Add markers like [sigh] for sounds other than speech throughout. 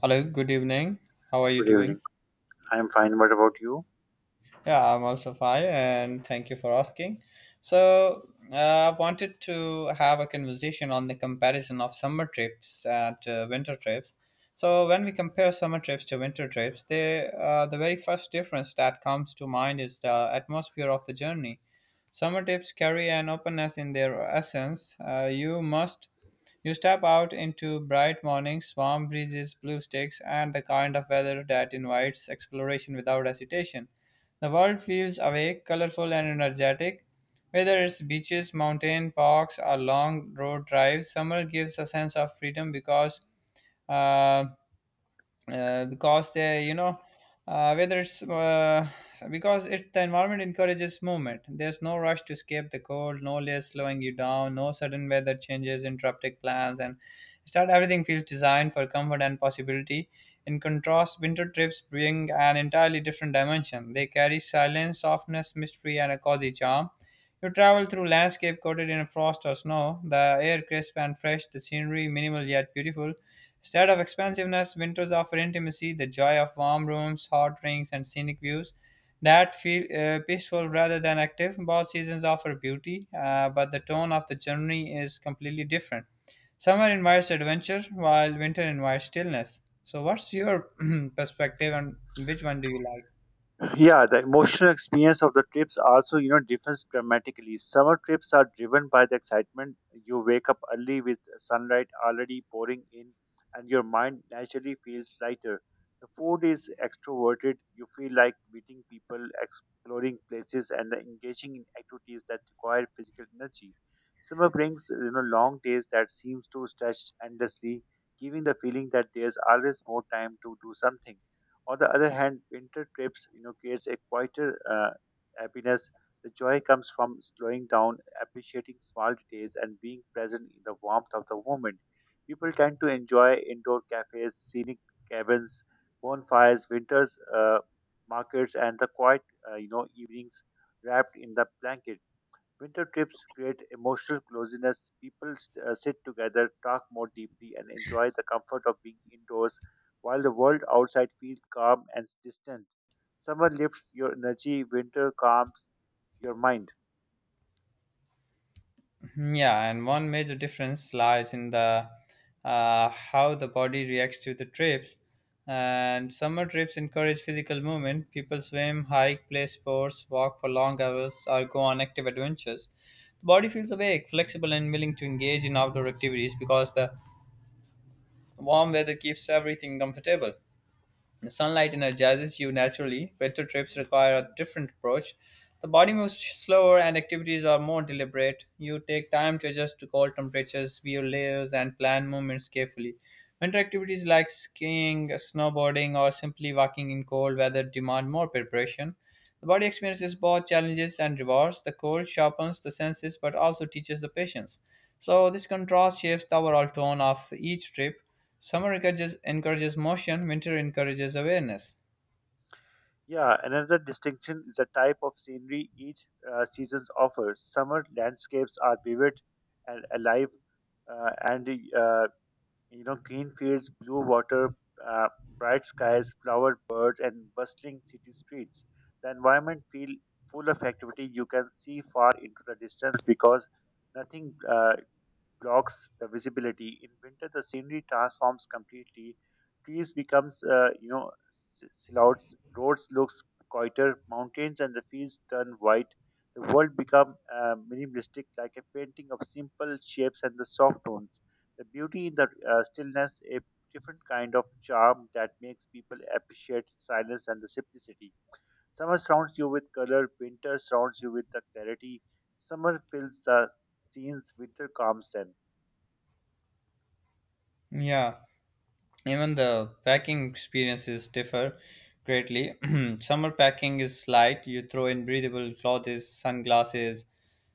Hello, good evening. How are you Good doing? evening. I'm fine. What about you? Yeah, I'm also fine, and thank you for asking. So, I wanted to have a conversation on the comparison of summer trips and winter trips. So, when we compare summer trips to winter trips, the very first difference that comes to mind is the atmosphere of the journey. Summer trips carry an openness in their essence. You step out into bright mornings, warm breezes, blue sticks, and the kind of weather that invites exploration without hesitation. The world feels awake, colorful, and energetic. Whether it's beaches, mountain parks, or long road drives, summer gives a sense of freedom uh, because they you know whether it's because it the environment encourages movement. There's no rush to escape the cold, no layers slowing you down, no sudden weather changes interrupting plans, and start everything feels designed for comfort and possibility. In contrast, winter trips bring an entirely different dimension. They carry silence, softness, mystery, and a cozy charm. You travel through landscape coated in frost or snow, the air crisp and fresh, the scenery minimal yet beautiful. Instead of expansiveness, winters offer intimacy, the joy of warm rooms, hot drinks, and scenic views that feel peaceful rather than active. Both seasons offer beauty, but the tone of the journey is completely different. Summer invites adventure, while winter invites stillness. So, what's your [clears throat] perspective, and which one do you like? Yeah, the emotional experience of the trips also, you know, differs dramatically. Summer trips are driven by the excitement. You wake up early with sunlight already pouring in, and your mind naturally feels lighter. The food is extroverted. You feel like meeting people, exploring places, and engaging in activities that require physical energy. Summer brings, you know, long days that seems to stretch endlessly, giving the feeling that there's always more time to do something. On the other hand, winter trips, you know, creates a quieter happiness. The joy comes from slowing down, appreciating small details, and being present in the warmth of the moment. People tend to enjoy indoor cafes, scenic cabins, bonfires, winters markets, and the quiet, you know, evenings wrapped in the blanket. Winter trips create emotional closeness. Sit together, talk more deeply, and enjoy the comfort of being indoors while the world outside feels calm and distant. Summer lifts your energy, winter calms your mind. Yeah, and one major difference lies in the how the body reacts to the trips. And summer trips encourage physical movement. People swim, hike, play sports, walk for long hours, or go on active adventures. The body feels awake, flexible, and willing to engage in outdoor activities because the warm weather keeps everything comfortable. Sunlight energizes you naturally. Winter trips require a different approach. The body moves slower and activities are more deliberate. You take time to adjust to cold temperatures, view layers, and plan movements carefully. Winter activities like skiing, snowboarding, or simply walking in cold weather demand more preparation. The body experiences both challenges and rewards. The cold sharpens the senses but also teaches the patience. So, this contrast shapes the overall tone of each trip. Summer encourages motion, winter encourages awareness. Yeah, another distinction is the type of scenery each season offers. Summer landscapes are vivid and alive, and uh, you know, green fields, blue water, uh, bright skies, flowered birds, and bustling city streets. The environment feel full of activity. You can see far into the distance because nothing blocks the visibility. In winter, the scenery transforms completely. Trees becomes, you know, silhouettes. Roads looks quieter. Mountains and the fields turn white. The world become minimalistic, like a painting of simple shapes and the soft tones. The beauty in the stillness, a different kind of charm that makes people appreciate silence and the simplicity. Summer surrounds you with color. Winter surrounds you with the clarity. Summer fills the scenes, winter calms them. Yeah, even the packing experiences differ greatly. [clears throat] Summer packing is light. You throw in breathable clothes, sunglasses,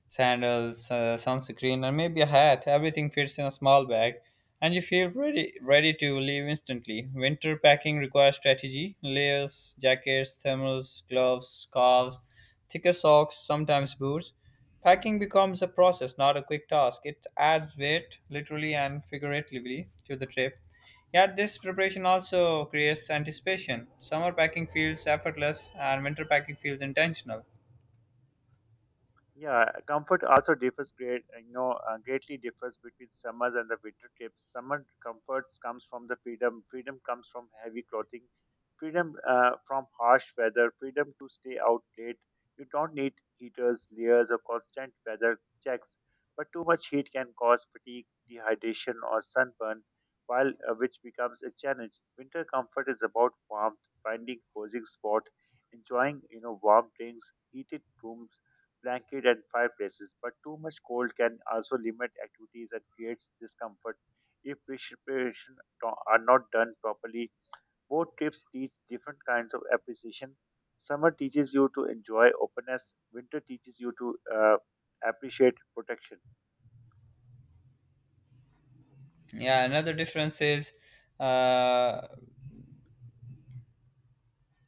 sandals, sunscreen, and maybe a hat. Everything fits in a small bag, and you feel ready to leave instantly. Winter packing requires strategy: layers, jackets, thermals, gloves, scarves, thicker socks, sometimes boots. Packing becomes a process, not a quick task. It adds weight, literally and figuratively, to the trip. Yet, this preparation also creates anticipation. Summer packing feels effortless, and winter packing feels intentional. Yeah, comfort also differs greatly differs between summers and the winter trips. Summer comforts comes from the freedom. Freedom comes from heavy clothing. Freedom from harsh weather. Freedom to stay out late. You don't need heaters, layers, or constant weather checks. But too much heat can cause fatigue, dehydration, or sunburn, while which becomes a challenge. Winter comfort is about warmth, finding cozy spot, enjoying, you know, warm drinks, heated rooms blanket and fireplaces, but too much cold can also limit activities and creates discomfort if preparation are not done properly. Both trips teach different kinds of appreciation. Summer teaches you to enjoy openness, winter teaches you to appreciate protection. Yeah uh,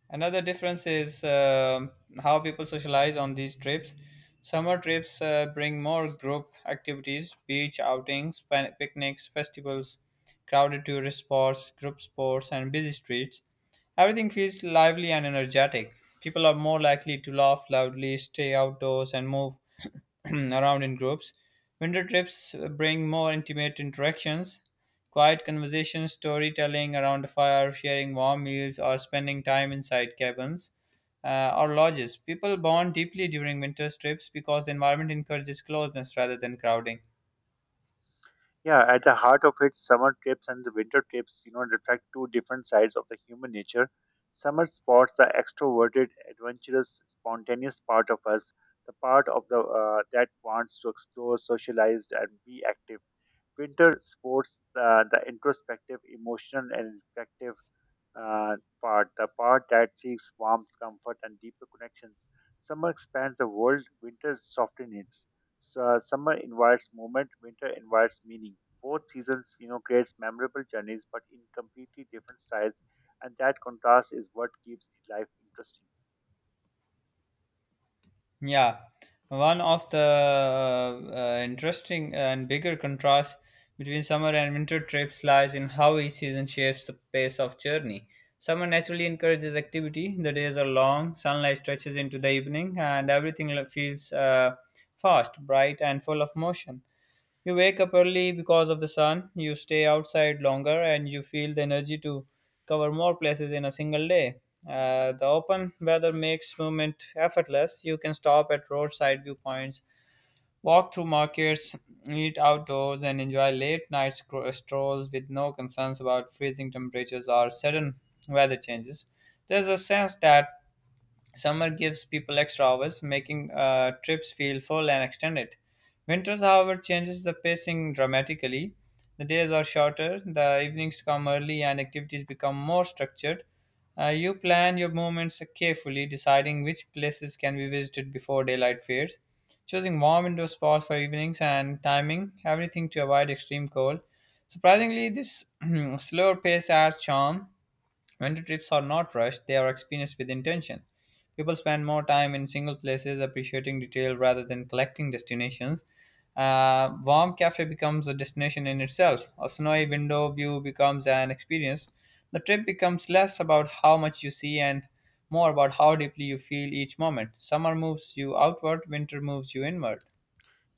another difference is how people socialize on these trips. Summer trips bring more group activities: beach outings, picnics, festivals, crowded tourist spots, group sports, and busy streets. Everything feels lively and energetic. People are more likely to laugh loudly, stay outdoors, and move [clears throat] around in groups. Winter trips bring more intimate interactions, quiet conversations, storytelling around a fire, sharing warm meals, or spending time inside cabins or lodges. People bond deeply during winter trips because the environment encourages closeness rather than crowding. Yeah, at the heart of it, summer trips and the winter trips, you know, reflect two different sides of the human nature. Summer spots the extroverted, adventurous, spontaneous part of us, the part of the that wants to explore, socialize, and be active. Winter sports the introspective, emotional, and reflective part, the part that seeks warmth, comfort, and deeper connections. Summer expands the world, winter softens it. So, summer invites movement, winter invites meaning. Both seasons, you know, creates memorable journeys, but in completely different styles, and that contrast is what keeps life interesting. Yeah, one of the interesting and bigger contrasts between summer and winter trips lies in how each season shapes the pace of journey. Summer naturally encourages activity. The days are long, sunlight stretches into the evening, and everything feels fast, bright, and full of motion. You wake up early because of the sun, you stay outside longer, and you feel the energy to cover more places in a single day. The open weather makes movement effortless. You can stop at roadside viewpoints, walk through markets, eat outdoors, and enjoy late night strolls with no concerns about freezing temperatures or sudden weather changes. There's a sense that summer gives people extra hours, making trips feel full and extended. Winters, however, changes the pacing dramatically. The days are shorter, the evenings come early, and activities become more structured. You plan your movements carefully, deciding which places can be visited before daylight fades, choosing warm indoor spots for evenings, and timing everything to avoid extreme cold. Surprisingly, this [clears throat] slower pace adds charm. Winter trips are not rushed, they are experienced with intention. People spend more time in single places appreciating detail rather than collecting destinations. Warm cafe becomes a destination in itself. A snowy window view becomes an experience. The trip becomes less about how much you see and more about how deeply you feel each moment. Summer moves you outward, winter moves you inward.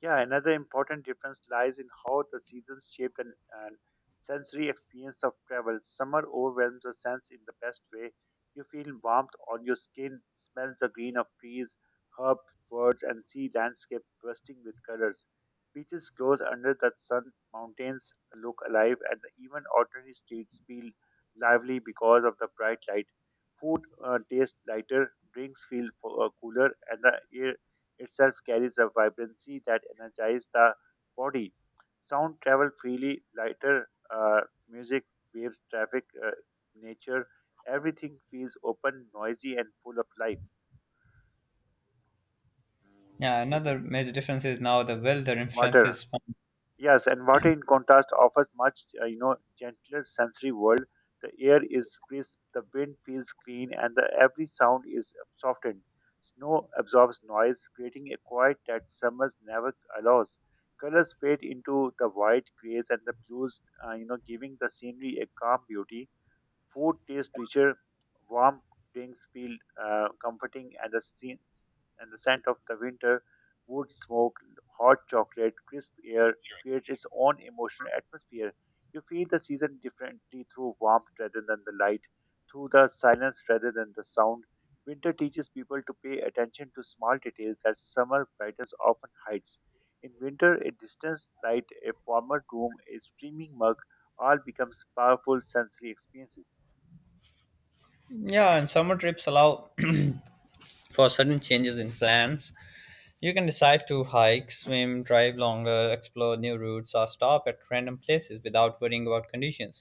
Yeah, another important difference lies in how the seasons shape and sensory experience of travel. Summer overwhelms the sense in the best way. You feel warmth on your skin, smells the green of trees, herb birds, and see landscape bursting with colors. Beaches glows under the sun, mountains look alive, and even ordinary streets feel lively because of the bright light. Food tastes lighter, drinks feel cooler, and the air itself carries a vibrancy that energizes the body. Sound travels freely, lighter, uh, music, waves, traffic, nature, everything feels open, noisy, and full of life. Mm. Yeah, another major difference is now the weather Water. influences. Yes, and water in contrast offers much, you know, gentler sensory world. The air is crisp, the wind feels clean, and the every sound is softened. Snow absorbs noise, creating a quiet that summers never allows. Colors fade into the white, grays, and the blues, you know, giving the scenery a calm beauty. Food tastes richer, warm drinks feel comforting, and the scenes and the scent of the winter wood smoke, hot chocolate, crisp air creates its own emotional atmosphere. You feel the season differently through warmth rather than the light, through the silence rather than the sound. Winter teaches people to pay attention to small details that summer brightness often hides. In winter, a distant light, a warmer room, a steaming mug all becomes powerful sensory experiences. Yeah, and summer trips allow [clears throat] for sudden changes in plans. You can decide to hike, swim, drive longer, explore new routes, or stop at random places without worrying about conditions.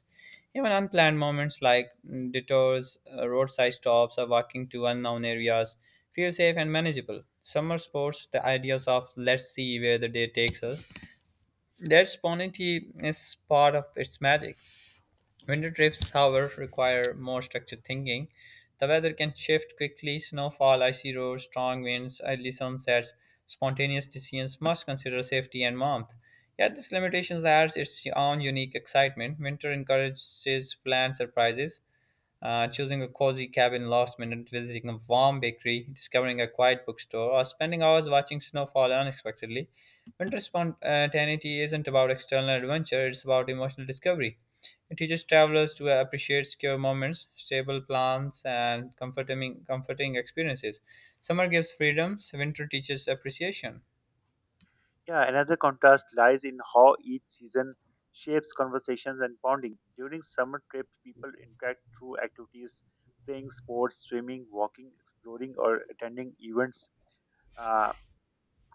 Even unplanned moments like detours, roadside stops, or walking to unknown areas feel safe and manageable. Summer sports, the ideas of let's see where the day takes us, that spontaneity is part of its magic. Winter trips, however, require more structured thinking. The weather can shift quickly: snowfall, icy roads, strong winds, early sunsets. Spontaneous decisions must consider safety and warmth. Yet, this limitation adds its own unique excitement. Winter encourages planned surprises, choosing a cozy cabin last minute, visiting a warm bakery, discovering a quiet bookstore, or spending hours watching snowfall unexpectedly. Winter spontaneity isn't about external adventure, it's about emotional discovery. It teaches travelers to appreciate secure moments, stable plans, and comforting experiences. Summer gives freedoms, winter teaches appreciation. Yeah, another contrast lies in how each season shapes conversations and bonding. During summer trips, people interact through activities, playing sports, swimming, walking, exploring, or attending events. Uh,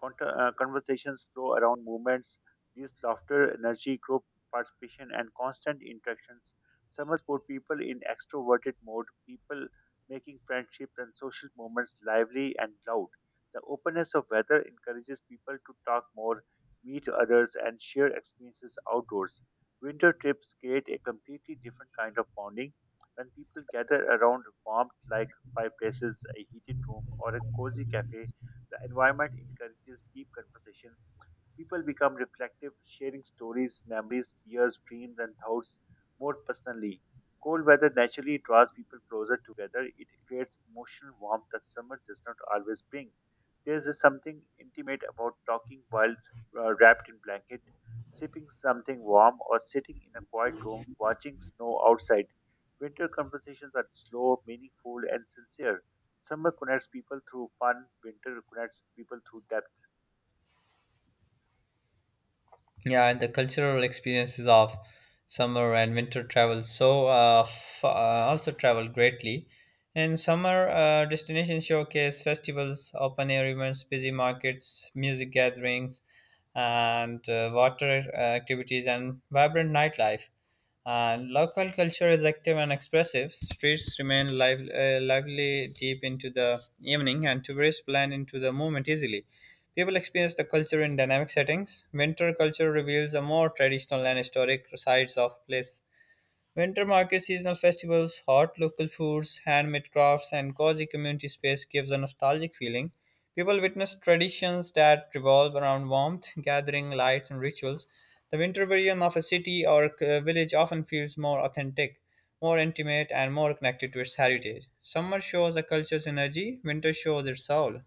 Conversations flow around movements. These laughter, energy, group participation, and constant interactions. Summers put people in extroverted mode, people making friendships and social moments lively and loud. The openness of weather encourages people to talk more, meet others, and share experiences outdoors. Winter trips create a completely different kind of bonding. When people gather around warmth like fireplaces, a heated room, or a cozy cafe, the environment encourages deep conversation. People become reflective, sharing stories, memories, fears, dreams, and thoughts more personally. Cold weather naturally draws people closer together. It creates emotional warmth that summer does not always bring. There is something intimate about talking while wrapped in blanket, sipping something warm, or sitting in a quiet room watching snow outside. Winter conversations are slow, meaningful, and sincere. Summer connects people through fun, winter connects people through depth. Yeah, and the cultural experiences of summer and winter travel also travel greatly. And summer destinations showcase festivals, open air events, busy markets, music gatherings, and water activities and vibrant nightlife. Local culture is active and expressive. Streets remain lively deep into the evening, and tourists blend into the movement easily. People experience the culture in dynamic settings. Winter culture reveals the more traditional and historic sides of place. Winter market seasonal festivals, hot local foods, handmade crafts, and cozy community space gives a nostalgic feeling. People witness traditions that revolve around warmth, gathering, lights, and rituals. The winter version of a city or village often feels more authentic, more intimate, and more connected to its heritage. Summer shows a culture's energy, winter shows its soul.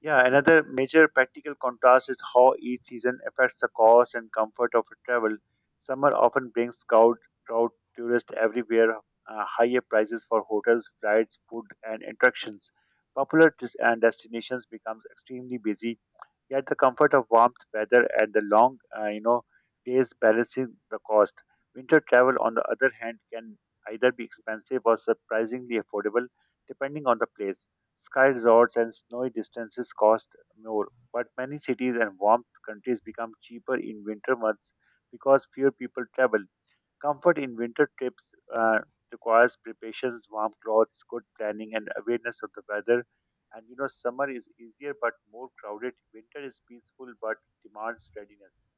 Yeah, another major practical contrast is how each season affects the cost and comfort of travel. Summer often brings crowd tourists everywhere, higher prices for hotels, flights, food, and attractions. Popular des- and destinations becomes extremely busy. Yet the comfort of warmth, weather, and the long, you know, days balancing the cost. Winter travel, on the other hand, can either be expensive or surprisingly affordable, depending on the place. Sky resorts and snowy distances cost more, but many cities and warm countries become cheaper in winter months because fewer people travel. Comfort in winter trips requires preparations, warm clothes, good planning, and awareness of the weather. And, you know, summer is easier but more crowded. Winter is peaceful but demands readiness.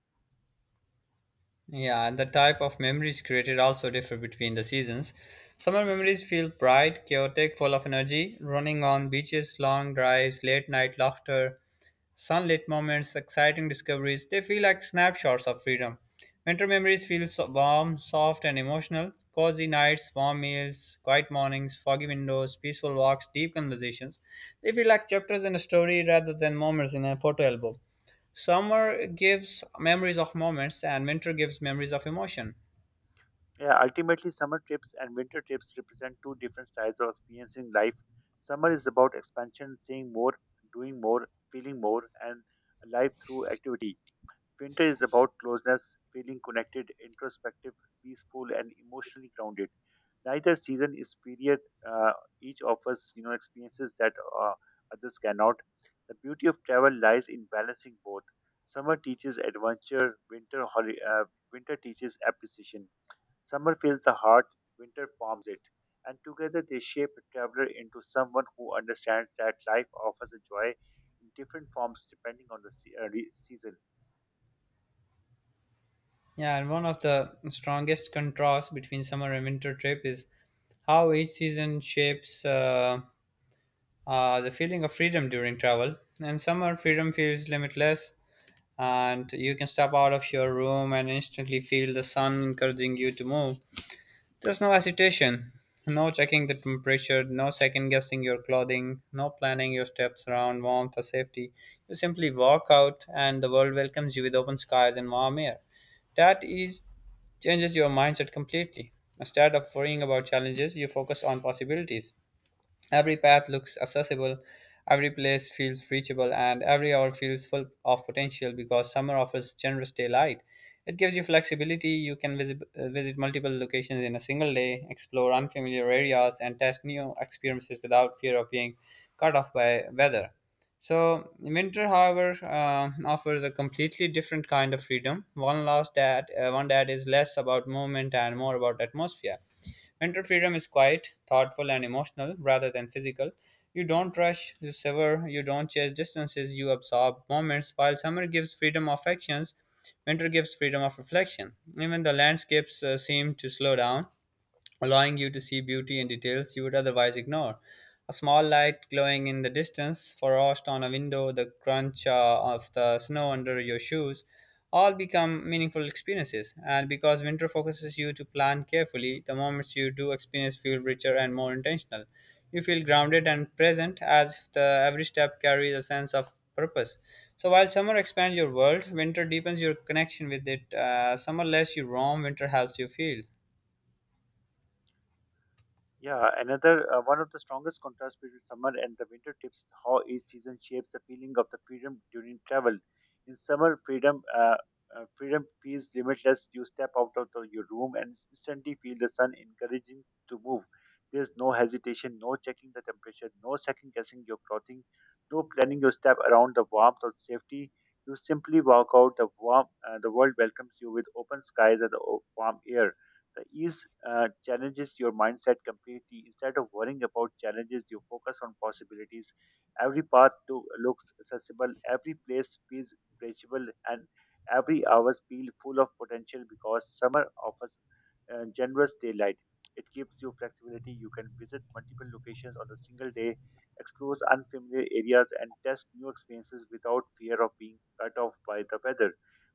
Yeah, and the type of memories created also differ between the seasons. Summer memories feel bright, chaotic, full of energy: running on beaches, long drives, late night laughter, sunlit moments, exciting discoveries. They feel like snapshots of freedom. Winter memories feel so warm, soft, and emotional. Cozy nights, warm meals, quiet mornings, foggy windows, peaceful walks, deep conversations. They feel like chapters in a story rather than moments in a photo album. Summer gives memories of moments, and winter gives memories of emotion. Yeah, ultimately, summer trips and winter trips represent two different styles of experiencing life. Summer is about expansion, seeing more, doing more, feeling more, and life through activity. Winter is about closeness, feeling connected, introspective, peaceful, and emotionally grounded. Neither season is period. Uh, each offers, you know, experiences that uh, others cannot. The beauty of travel lies in balancing both. Summer teaches adventure. Winter teaches appreciation. Summer fills the heart. Winter forms it. And together they shape a traveler into someone who understands that life offers a joy in different forms depending on the season. Yeah, and one of the strongest contrasts between summer and winter trip is how each season shapes the feeling of freedom during travel. In summer, freedom feels limitless, and you can step out of your room and instantly feel the sun encouraging you to move. There's no hesitation, no checking the temperature, no second guessing your clothing, no planning your steps around warmth or safety. You simply walk out and the world welcomes you with open skies and warm air. That is changes your mindset completely. Instead of worrying about challenges, you focus on possibilities. Every path looks accessible, every place feels reachable, and every hour feels full of potential because summer offers generous daylight. It gives you flexibility. You can visit multiple locations in a single day, explore unfamiliar areas, and test new experiences without fear of being cut off by weather. So, winter, however, offers a completely different kind of freedom. One last that one that is less about movement and more about atmosphere. Mental freedom is quiet, thoughtful, and emotional rather than physical. You don't rush, you sever, you don't chase distances, you absorb moments, while summer gives freedom of actions, winter gives freedom of reflection. Even the landscapes seem to slow down allowing you to see beauty in details you would otherwise ignore. A small light glowing in the distance, frost on a window, the crunch of the snow under your shoes, all become meaningful experiences. And because winter focuses you to plan carefully, the moments you do experience feel richer and more intentional. You feel grounded and present as if the every step carries a sense of purpose. So while summer expands your world, winter deepens your connection with it. Summer lets you roam, winter helps you feel. Yeah, another one of the strongest contrasts between summer and the winter tips how each season shapes the feeling of the freedom during travel. In summer, freedom feels limitless. You step out of your room and instantly feel the sun encouraging to move. There's no hesitation, no checking the temperature, no second guessing your clothing, no planning your step around the warmth or safety. You simply walk out. The world welcomes you with open skies and the warm air. The ease challenges your mindset completely. Instead of worrying about challenges, you focus on possibilities. Every looks accessible, every place feels reachable, and every hour feels full of potential because summer offers generous daylight. It gives you flexibility. You can visit multiple locations on a single day, explore unfamiliar areas, and test new experiences without fear of being cut off by the weather.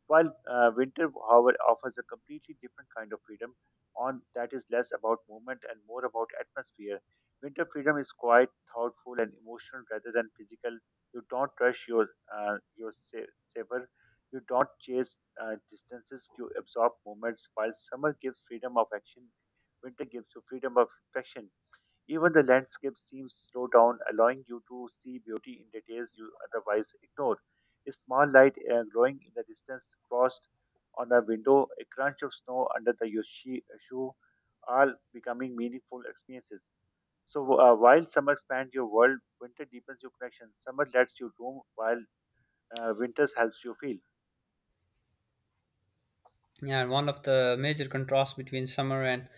While Winter, however, offers a completely different kind of freedom on that is less about movement and more about atmosphere. Winter freedom is quiet, thoughtful, and emotional rather than physical. You don't rush your your savor. You don't chase distances. You absorb moments. While summer gives freedom of action, winter gives you freedom of reflection. Even the landscape seems slowed down, allowing you to see beauty in details you otherwise ignore. A small light glowing in the distance, frost on a window, a crunch of snow under shoe, all becoming meaningful experiences. So, while summer expands your world, winter deepens your connection. Summer lets you roam, while winter helps you feel. Yeah, and one of the major contrasts between summer and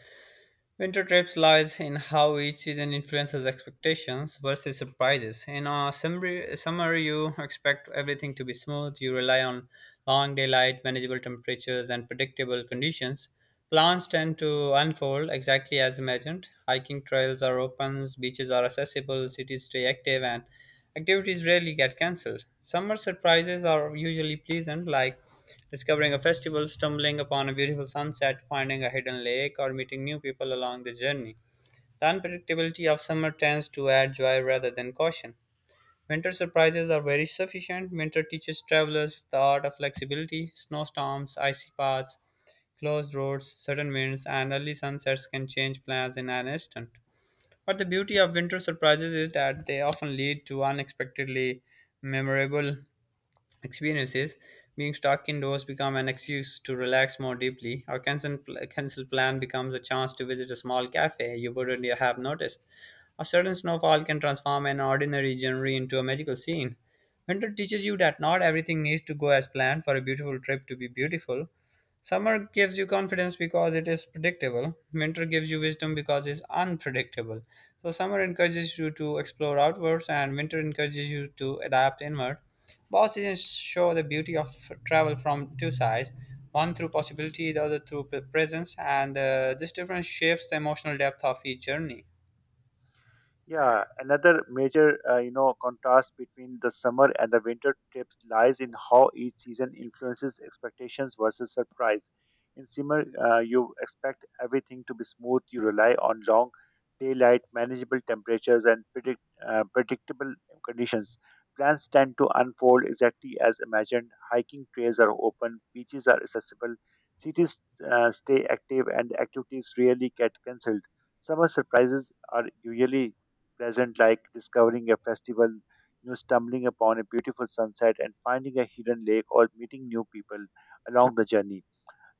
winter trips lies in how each season influences expectations versus surprises. In a summer, you expect everything to be smooth. You rely on long daylight, manageable temperatures, and predictable conditions. Plans tend to unfold exactly as imagined. Hiking trails are open, beaches are accessible, cities stay active, and activities rarely get cancelled. Summer surprises are usually pleasant, like discovering a festival, stumbling upon a beautiful sunset, finding a hidden lake, or meeting new people along the journey. The unpredictability of summer tends to add joy rather than caution. Winter surprises are very sufficient. Winter teaches travelers the art of flexibility. Snowstorms, icy paths, closed roads, sudden winds, and early sunsets can change plans in an instant. But the beauty of winter surprises is that they often lead to unexpectedly memorable experiences. Being stuck indoors become an excuse to relax more deeply. Our cancel plan becomes a chance to visit a small cafe you wouldn't have noticed. A sudden snowfall can transform an ordinary January into a magical scene. Winter teaches you that not everything needs to go as planned for a beautiful trip to be beautiful. Summer gives you confidence because it is predictable. Winter gives you wisdom because it's unpredictable. So, summer encourages you to explore outwards, and winter encourages you to adapt inward. Both seasons show the beauty of travel from two sides, one through possibility, the other through presence, and this difference shapes the emotional depth of each journey. Yeah, another major, you know, contrast between the summer and the winter trips lies in how each season influences expectations versus surprise. In summer, you expect everything to be smooth. You rely on long daylight, manageable temperatures, and predictable conditions. Plans tend to unfold exactly as imagined. Hiking trails are open, beaches are accessible, cities stay active, and activities rarely get cancelled. Summer surprises are usually pleasant, like discovering a festival, stumbling upon a beautiful sunset, and finding a hidden lake or meeting new people along the journey.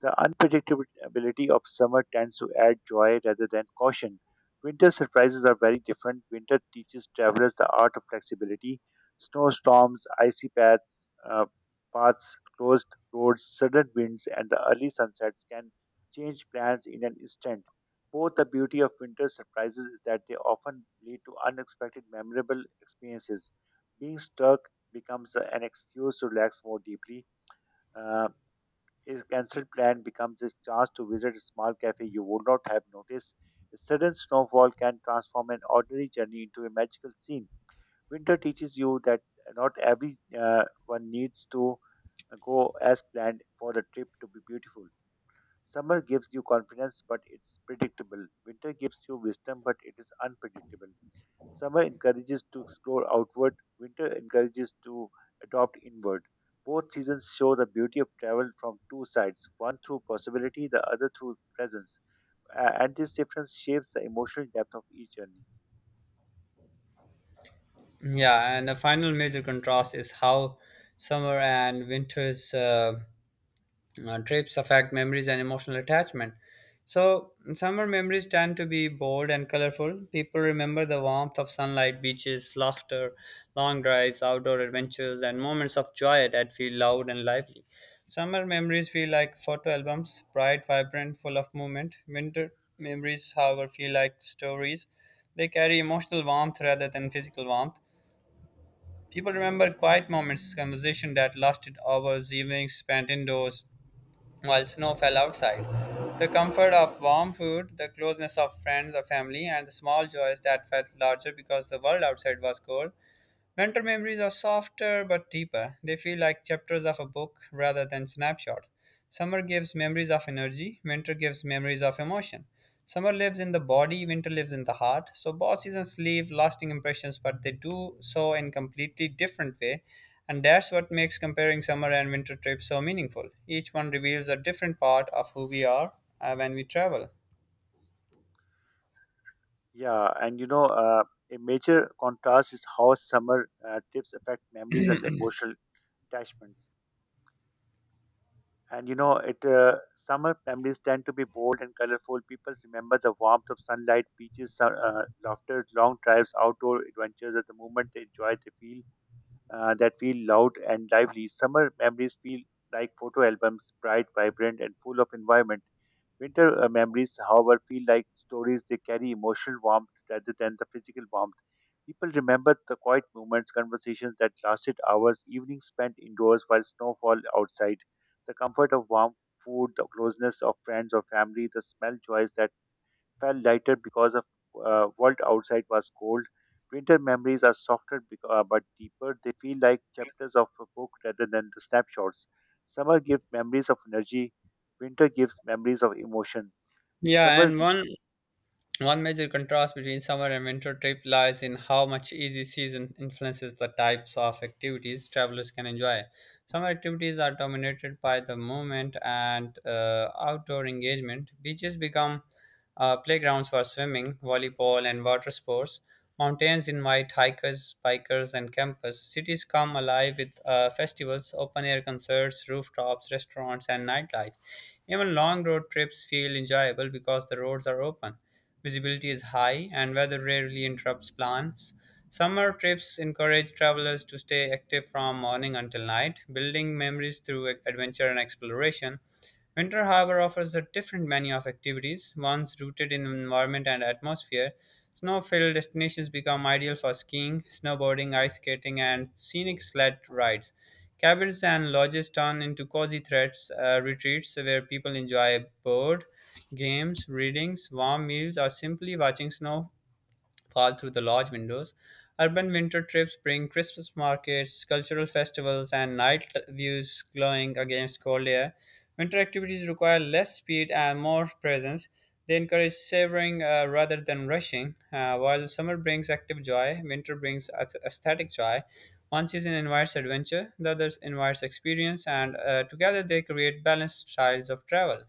The unpredictability of summer tends to add joy rather than caution. Winter surprises are very different. Winter teaches travelers the art of flexibility. Snowstorms, icy paths, paths, closed roads, sudden winds, and the early sunsets can change plans in an instant. Both the beauty of winter surprises is that they often lead to unexpected, memorable experiences. Being stuck becomes an excuse to relax more deeply. Uh, his cancelled plan becomes his chance to visit a small cafe you would not have noticed. A sudden snowfall can transform an ordinary journey into a magical scene. Winter teaches you that not every one needs to go as planned for the trip to be beautiful. Summer gives you confidence, but it's predictable. Winter gives you wisdom, but it is unpredictable. Summer encourages to explore outward, winter encourages to adopt inward. Both seasons show the beauty of travel from two sides, one through possibility, the other through presence. And this difference shapes the emotional depth of each journey. Yeah, and the final major contrast is how summer and winter's. Trips affect memories and emotional attachment. So, summer memories tend to be bold and colorful. People remember the warmth of sunlight, beaches, laughter, long drives, outdoor adventures, and moments of joy that feel loud and lively. Summer memories feel like photo albums, bright, vibrant, full of movement. Winter memories, however, feel like stories. They carry emotional warmth rather than physical warmth. People remember quiet moments, conversation that lasted hours, evenings spent indoors while snow fell outside. The comfort of warm food, the closeness of friends or family, and the small joys that felt larger because the world outside was cold. Mentor memories are softer but deeper. They feel like chapters of a book rather than snapshots. Summer gives memories of energy, winter gives memories of emotion. Summer lives in the body, winter lives in the heart. So both seasons leave lasting impressions, but they do so in completely different way. And that's what makes comparing summer and winter trips so meaningful. Each one reveals a different part of who we are when we travel. Yeah, and you know, a major contrast is how summer trips affect memories and emotional attachments. And you know, it summer memories tend to be bold and colorful. People remember the warmth of sunlight, beaches, laughter, long drives, outdoor adventures. At the moment they enjoy, they feel that feel loud and lively. Summer memories feel like photo albums, bright, vibrant, and full of environment. Winter memories, however, feel like stories. They carry emotional warmth rather than the physical warmth. People remember the quiet moments, conversations that lasted hours, evenings spent indoors while snowfall outside, the comfort of warm food, the closeness of friends or family, the smell joys that felt lighter because of world outside was cold. Winter memories are softer but deeper. They feel like chapters of a book rather than the snapshots. Summer gives memories of energy, winter gives memories of emotion. Yeah, समझ and one One major contrast between summer and winter trip lies in how much easy season influences the types of activities travelers can enjoy. Summer activities are dominated by the movement and outdoor engagement. Beaches become playgrounds for swimming, volleyball, and water sports. Mountains invite hikers, bikers, and campers. Cities come alive with festivals, open air concerts, rooftops, restaurants, and nightlife. Even long road trips feel enjoyable because the roads are open. Visibility is high, and weather rarely interrupts plans. Summer trips encourage travelers to stay active from morning until night, building memories through adventure and exploration. Winter, however, offers a different menu of activities, ones rooted in environment and atmosphere. Snow filled destinations become ideal for skiing, snowboarding, ice skating, and scenic sled rides. Cabins and lodges turn into cozy retreats where people enjoy board games, readings, warm meals, or simply watching snow fall through the lodge windows. Urban winter trips bring Christmas markets, cultural festivals, and night views glowing against cold air. Winter activities require less speed and more presence. They encourage savoring rather than rushing. While summer brings active joy, winter brings aesthetic joy. One season invites adventure, the other invites experience, and together they create balanced styles of travel.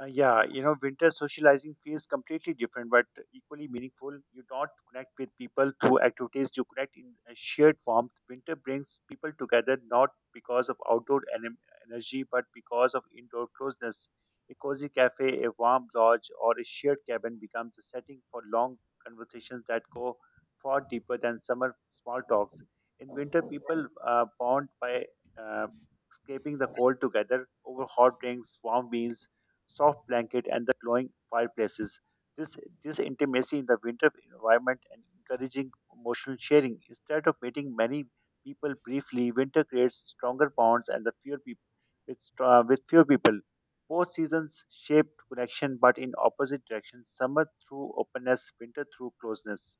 Yeah, you know, winter socializing feels completely different, but equally meaningful. You don't connect with people through activities; you connect in a shared warmth. Winter brings people together not because of energy, but because of indoor closeness. A cozy cafe, a warm lodge, or a shared cabin becomes a setting for long conversations that go far deeper than summer small talks. In winter, people bond by uh, escaping the cold together over hot drinks, warm meals soft blanket, and the glowing fireplaces. This, this intimacy in the winter environment and encouraging emotional sharing. Instead of meeting many people briefly, winter creates stronger bonds and the fewer people with fewer people. Both seasons shape connection, but in opposite directions. Summer through openness, winter through closeness.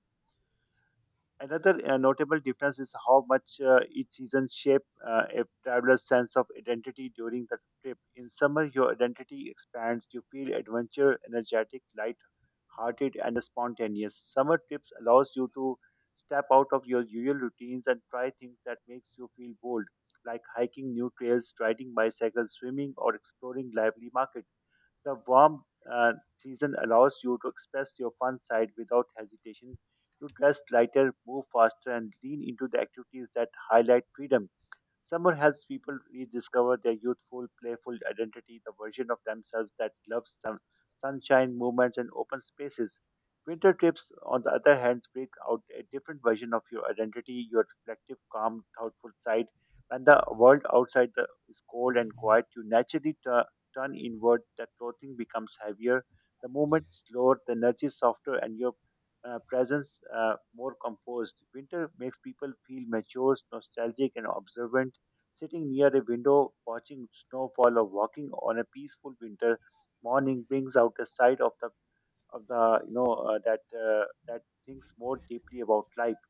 Another notable difference is how much each season shape a traveler's sense of identity during the trip. In summer, your identity expands. You feel adventure, energetic, light-hearted, and spontaneous. Summer trips allows you to step out of your usual routines and try things that makes you feel bold, like hiking new trails, riding bicycles, swimming, or exploring lively markets. The warm season allows you to express your fun side without hesitation. You dress lighter, move faster, and lean into the activities that highlight freedom. Summer helps people rediscover their youthful, playful identity, the version of themselves that loves sun, sunshine, movements, and open spaces. Winter trips, on the other hand, bring out a different version of your identity, your reflective, calm, thoughtful side. When the world is cold and quiet, you naturally turn inward, the clothing becomes heavier, the movement slower, the energy softer, and your presence more composed. Winter makes people feel mature, nostalgic, and observant. Sitting near a window, watching snowfall or walking on a peaceful winter morning brings out a side of the you know that that thinks more deeply about life.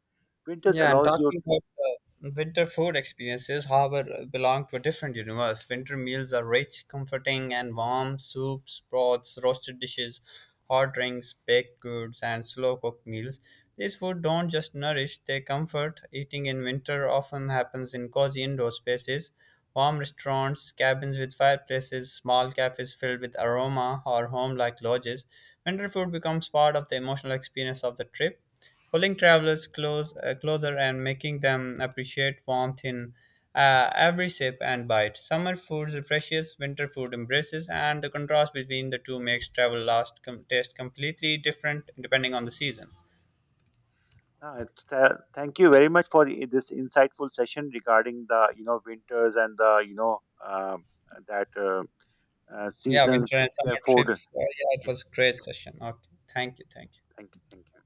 Winters Yeah, and allows you talking to. about winter food experiences, however, belong to a different universe. Winter meals are rich, comforting, and warm. Soups, broths, roasted dishes, hot drinks, baked goods, and slow cooked meals. These food don't just nourish, they comfort. Eating in winter often happens in cozy indoor spaces, warm restaurants, cabins with fireplaces, small cafes filled with aroma, or home like lodges. Winter food becomes part of the emotional experience of the trip, pulling travelers closer and making them appreciate warmth in every sip and bite. Summer food refreshes, winter food embraces, and the contrast between the two makes travel taste completely different depending on the season. Uh, Thank you very much for this insightful session regarding the winters and the you know um that Yeah, seasons. winter and summer Therefore, trips. Yeah, it yeah, was a great session. Okay, thank you, thank you. thank you, thank you.